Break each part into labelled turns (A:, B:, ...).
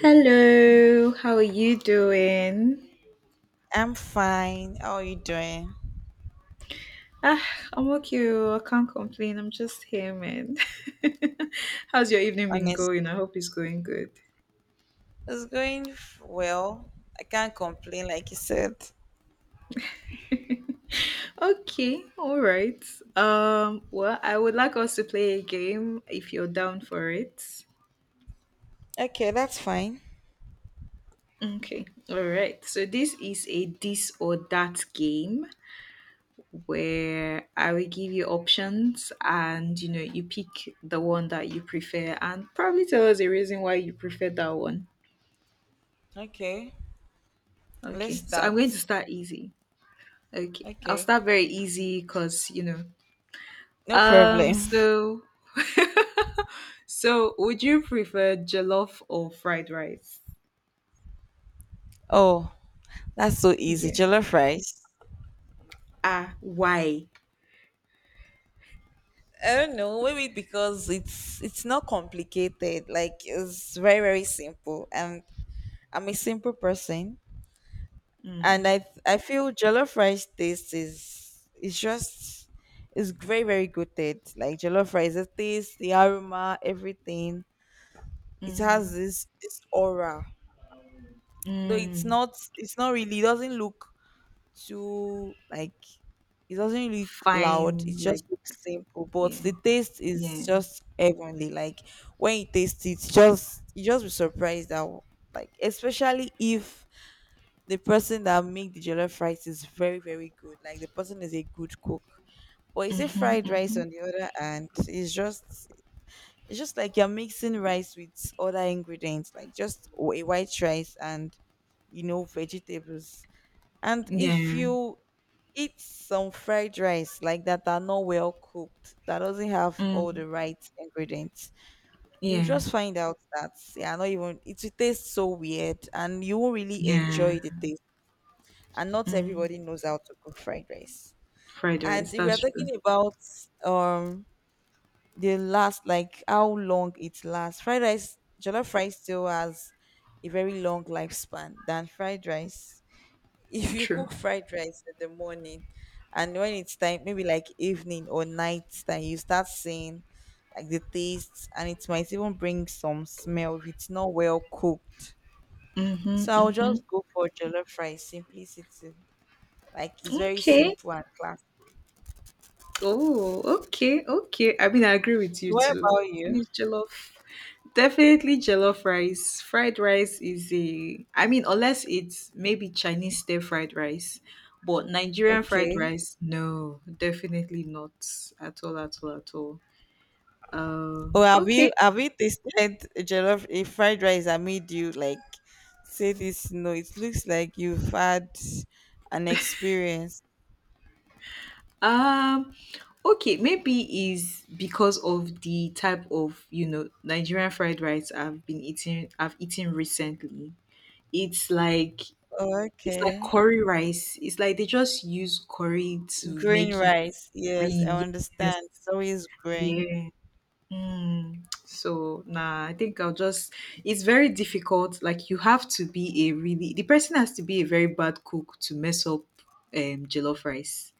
A: Hello, how are you doing?
B: I'm fine. How are you doing?
A: Ah, I'm okay. Oh, I can't complain. I'm just here, man. How's your evening been
B: Honest.
A: going? I hope it's going good.
B: Well. I can't complain, like you said.
A: Okay, all right. I would like us to play a game if you're down for it.
B: Okay, that's fine.
A: Okay, all right. So this is a this or that game where I will give you options and you pick the one that you prefer and probably tell us a reason why you prefer that one.
B: Okay, let's
A: Okay, so I'm
B: start.
A: going to start easy. Okay, I'll
B: Okay,
A: start very easy because you know.
B: no
A: Um,
B: problem.
A: so so would you prefer jollof or fried rice?
B: Oh, that's so easy.
A: Yeah.
B: Jollof rice.
A: Ah, why?
B: I don't know, maybe because it's not complicated. Like it's very simple, and I'm a simple person. And I feel jollof rice taste is it's very good taste. Like jollof rice, the taste, the aroma, everything. It has
A: Mm-hmm.
B: this aura. Though
A: Mm,
B: it's not really it doesn't look too, like, it doesn't look loud. It
A: fine. Like
B: just looks simple, but
A: yeah,
B: the taste is
A: yeah.
B: just heavenly. Like when you taste it, just you just be surprised that, like, especially if the person that make the jollof rice is very good, like the person is a good cook. But is it
A: Mm-hmm.
B: fried rice?
A: Mm-hmm.
B: On the other hand, it's just like you're mixing rice with other ingredients, like just a white rice and, you know, vegetables. And if
A: Yeah.
B: you eat some fried rice like that are not well cooked, that doesn't have all the
A: Mm,
B: right ingredients, you
A: yeah.
B: just find out that, yeah, not even it will taste so weird and you won't really
A: Yeah.
B: enjoy the taste. And not
A: Mm,
B: everybody knows how to cook fried rice.
A: fried
B: And
A: rice.
B: if we are
A: That's true.
B: talking about um the last, like how long it lasts, fried rice, jollof rice still has a very long lifespan than fried rice. If you
A: True.
B: cook fried rice in the morning, and when it's time, maybe like evening or night time, you start seeing like the taste, and it might even bring some smell if it's not well cooked.
A: Mm-hmm.
B: So I'll
A: Mm-hmm.
B: just go for jollof rice simplicity. Like it's very
A: Okay.
B: simple and classic.
A: Oh, okay, okay. I mean, I agree with you
B: What
A: too.
B: about you?
A: Please, jollof. Definitely jollof rice. Fried rice is a, I mean, unless it's maybe Chinese stir fried rice, but Nigerian fried
B: Okay.
A: rice, no, definitely not at all, at all, at all.
B: Or have you
A: Okay.
B: have you tasted a jollof a fried rice amid you like say this? No, it looks like you've had an experience.
A: Um, okay. Maybe is because of the type of Nigerian fried rice I've been eating. I've eaten recently. It's like
B: Oh,
A: it's like
B: okay.
A: curry rice. It's like they just use curry to
B: Green
A: make it
B: rice. Yes, I
A: green. Yes.
B: understand. It's always green.
A: Yeah. Mm. So nah, I think I'll just it's very difficult. Like you have to be a really the person has to be a very bad cook to mess up jollof rice.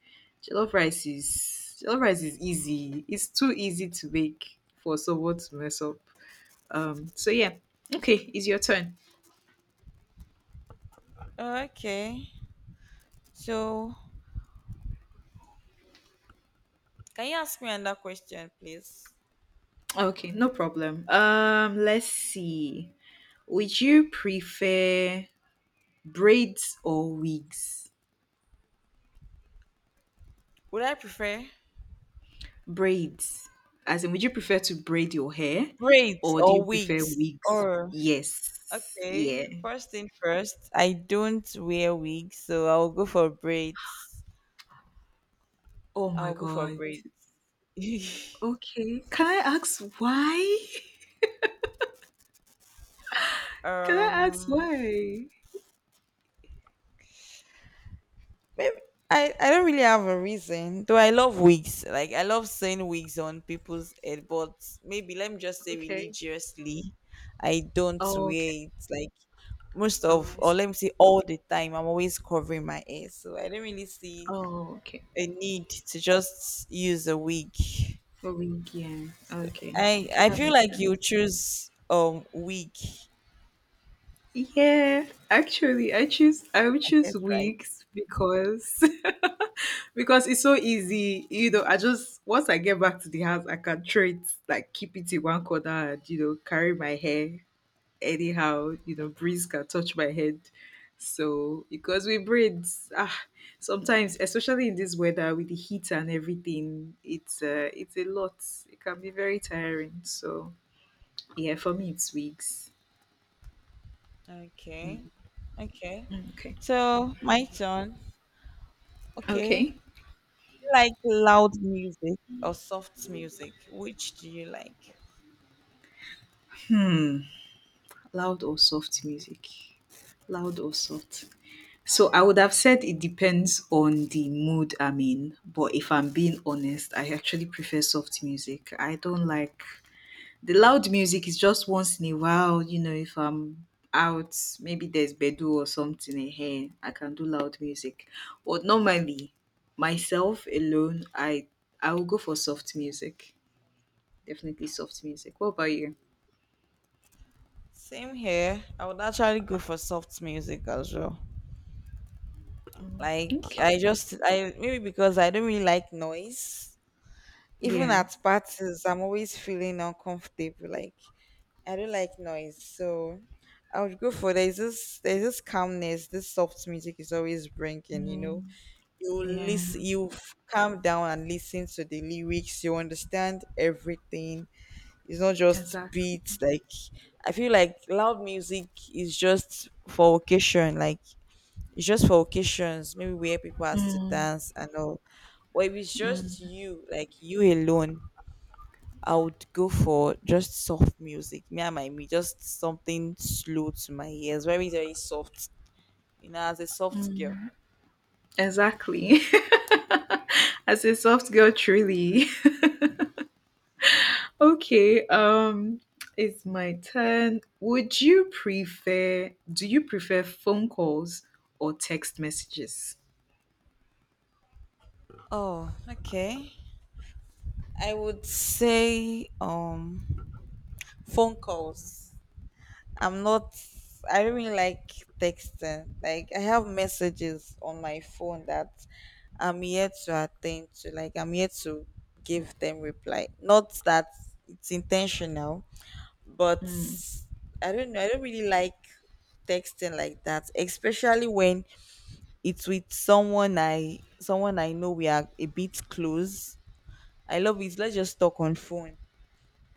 A: Jollof rice is easy. It's too easy to make for someone to mess up. So yeah. Okay, it's your turn.
B: Oh, okay. So can you ask me another question, please?
A: Okay, no problem. Let's see. Would you prefer braids or wigs?
B: Would I prefer
A: Braids. As in, would you prefer to braid your hair
B: braids
A: or do
B: or
A: you prefer
B: wigs?
A: wigs?
B: Or
A: Yes.
B: okay,
A: Yeah.
B: first thing first, I don't wear wigs, so I'll go for braids.
A: Oh my
B: I'll go for
A: God.
B: braids.
A: Okay. Can I ask why? Can I ask
B: um,
A: why?
B: Maybe I don't really have a reason. Though I love wigs, like I love seeing wigs on people's head, but maybe let me just say
A: Okay.
B: religiously, I don't
A: Oh, okay.
B: wear it. Like most
A: Oh,
B: of,
A: I
B: or let me
A: see.
B: say all the time, I'm always covering my hair, so I don't really see
A: Oh, okay.
B: a need to just use a wig.
A: For wig, yeah. Okay.
B: I
A: Okay,
B: I
A: that
B: feel
A: makes
B: like
A: sense.
B: you choose week.
A: Yeah, actually, I would
B: I guess
A: choose
B: right.
A: wigs because because it's so easy. You know, I just once I get back to the house, I can throw it like keep it in one corner and you know carry my hair anyhow. You know, breeze can touch my head. So because we braids, ah, sometimes especially in this weather with the heat and everything, it's a lot. It can be very tiring. So yeah, for me, it's wigs.
B: Okay. Okay.
A: Mm, okay.
B: So my turn. Okay.
A: Okay.
B: You like loud music or soft music? Which do you like?
A: Loud or soft music? Loud or soft? So I would have said it depends on the mood I'm in, but if I'm being honest, I actually prefer soft music. I don't like the loud music is just once in a while. You know, if I'm out, maybe there's bedu or something in here, I can do loud music, but normally, myself alone, I will go for soft music. Definitely soft music. What about you?
B: Same here. I would actually go for soft music as well. Like
A: Okay.
B: I just I maybe because I don't really like noise. Even
A: Yeah.
B: at parties, I'm always feeling uncomfortable. Like I don't like noise, so I would go for, there's this calmness this soft music is always bringing. You know,
A: Mm,
B: you
A: yeah,
B: listen, you calm down and listen to the lyrics. You understand everything. It's not just
A: exactly.
B: beats. Like I feel like loud music is just for occasion. Like it's just for occasions, maybe where people has to
A: Mm,
B: dance and all. But if it's just
A: mm,
B: you, like you alone, I would go for just soft music. Me and my me, just something slow to my ears, very soft. You know, as a soft girl.
A: exactly. As a soft girl, truly. Okay, it's my turn. Do you prefer phone calls or text messages?
B: Oh, okay. I would say phone calls. I'm not. I don't really like texting. Like I have messages on my phone that I'm here to attend to. Like I'm here to give them reply. Not that it's intentional, but
A: Mm,
B: I don't know. I don't really like texting like that, especially when it's with someone I know we are a bit close. I love it. Let's just talk on phone.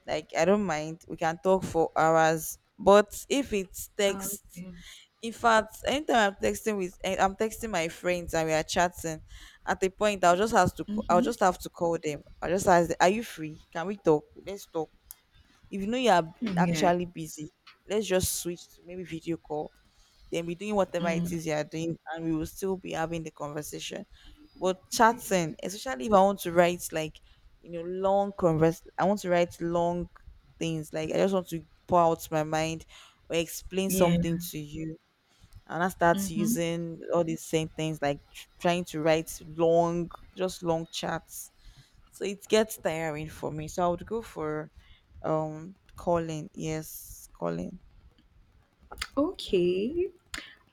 B: Like I don't mind. We can talk for hours. But if it's
A: oh,
B: text,
A: okay.
B: in fact, anytime I'm texting with, I'm texting my friends and we are chatting. At a point, I'll
A: Mm-hmm.
B: just have to call them. I'll just ask them, "Are you free? Can we talk? Let's talk." If you know you are
A: Yeah.
B: actually busy, let's just switch to maybe video call. Then be doing whatever it is you are doing, and we will still be having the conversation. But chatting, especially if I want to write like, you know, long converse, I want to write long things. Like I just want to pour out my mind or explain
A: Yeah.
B: something to you, and I start
A: Mm-hmm.
B: using all these same things like trying to write long, just long chats. So it gets tiring for me, so I would go for calling. Yes, calling.
A: Okay.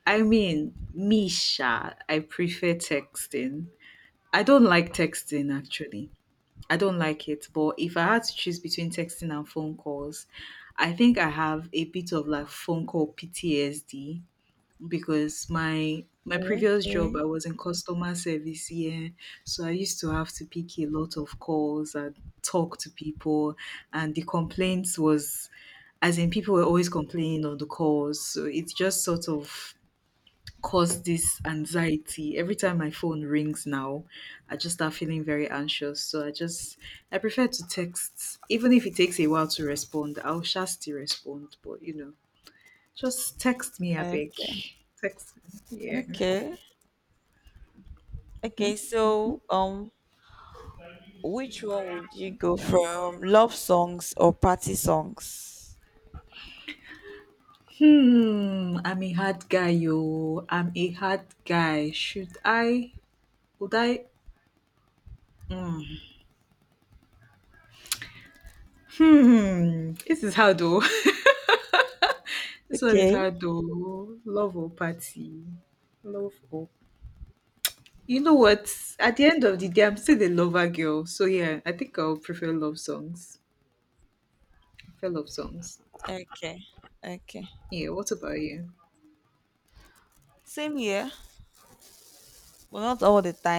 A: I mean, Misha, I prefer texting. I don't like texting actually. I don't like it, but if I had to choose between texting and phone calls, I think I have a bit of like phone call PTSD because my previous job
B: Okay.
A: I was in customer service here, so I used to have to pick a lot of calls and talk to people and the complaints was as in people were always complaining on the calls, so it just sort of cause this anxiety. Every time my phone rings now, I just start feeling very anxious. So I prefer to text. Even if it takes a while to respond, I'll sha still respond. But you know, just text me I beg.
B: Okay.
A: Text me. Yeah.
B: Okay. Okay. So which one would you go from, love songs or party songs?
A: Hmm. I'm a hard guy, yo. I'm a hard guy. Should I would I Mm. Hmm. This is hard though. This one is
B: Okay.
A: hard though. Love or party? Love or you know what? At the end of the day, I'm still a lover girl. So yeah, I think I'll prefer love songs. I prefer love songs.
B: Okay. Okay.
A: Yeah, what about you?
B: Same here, but not all the time,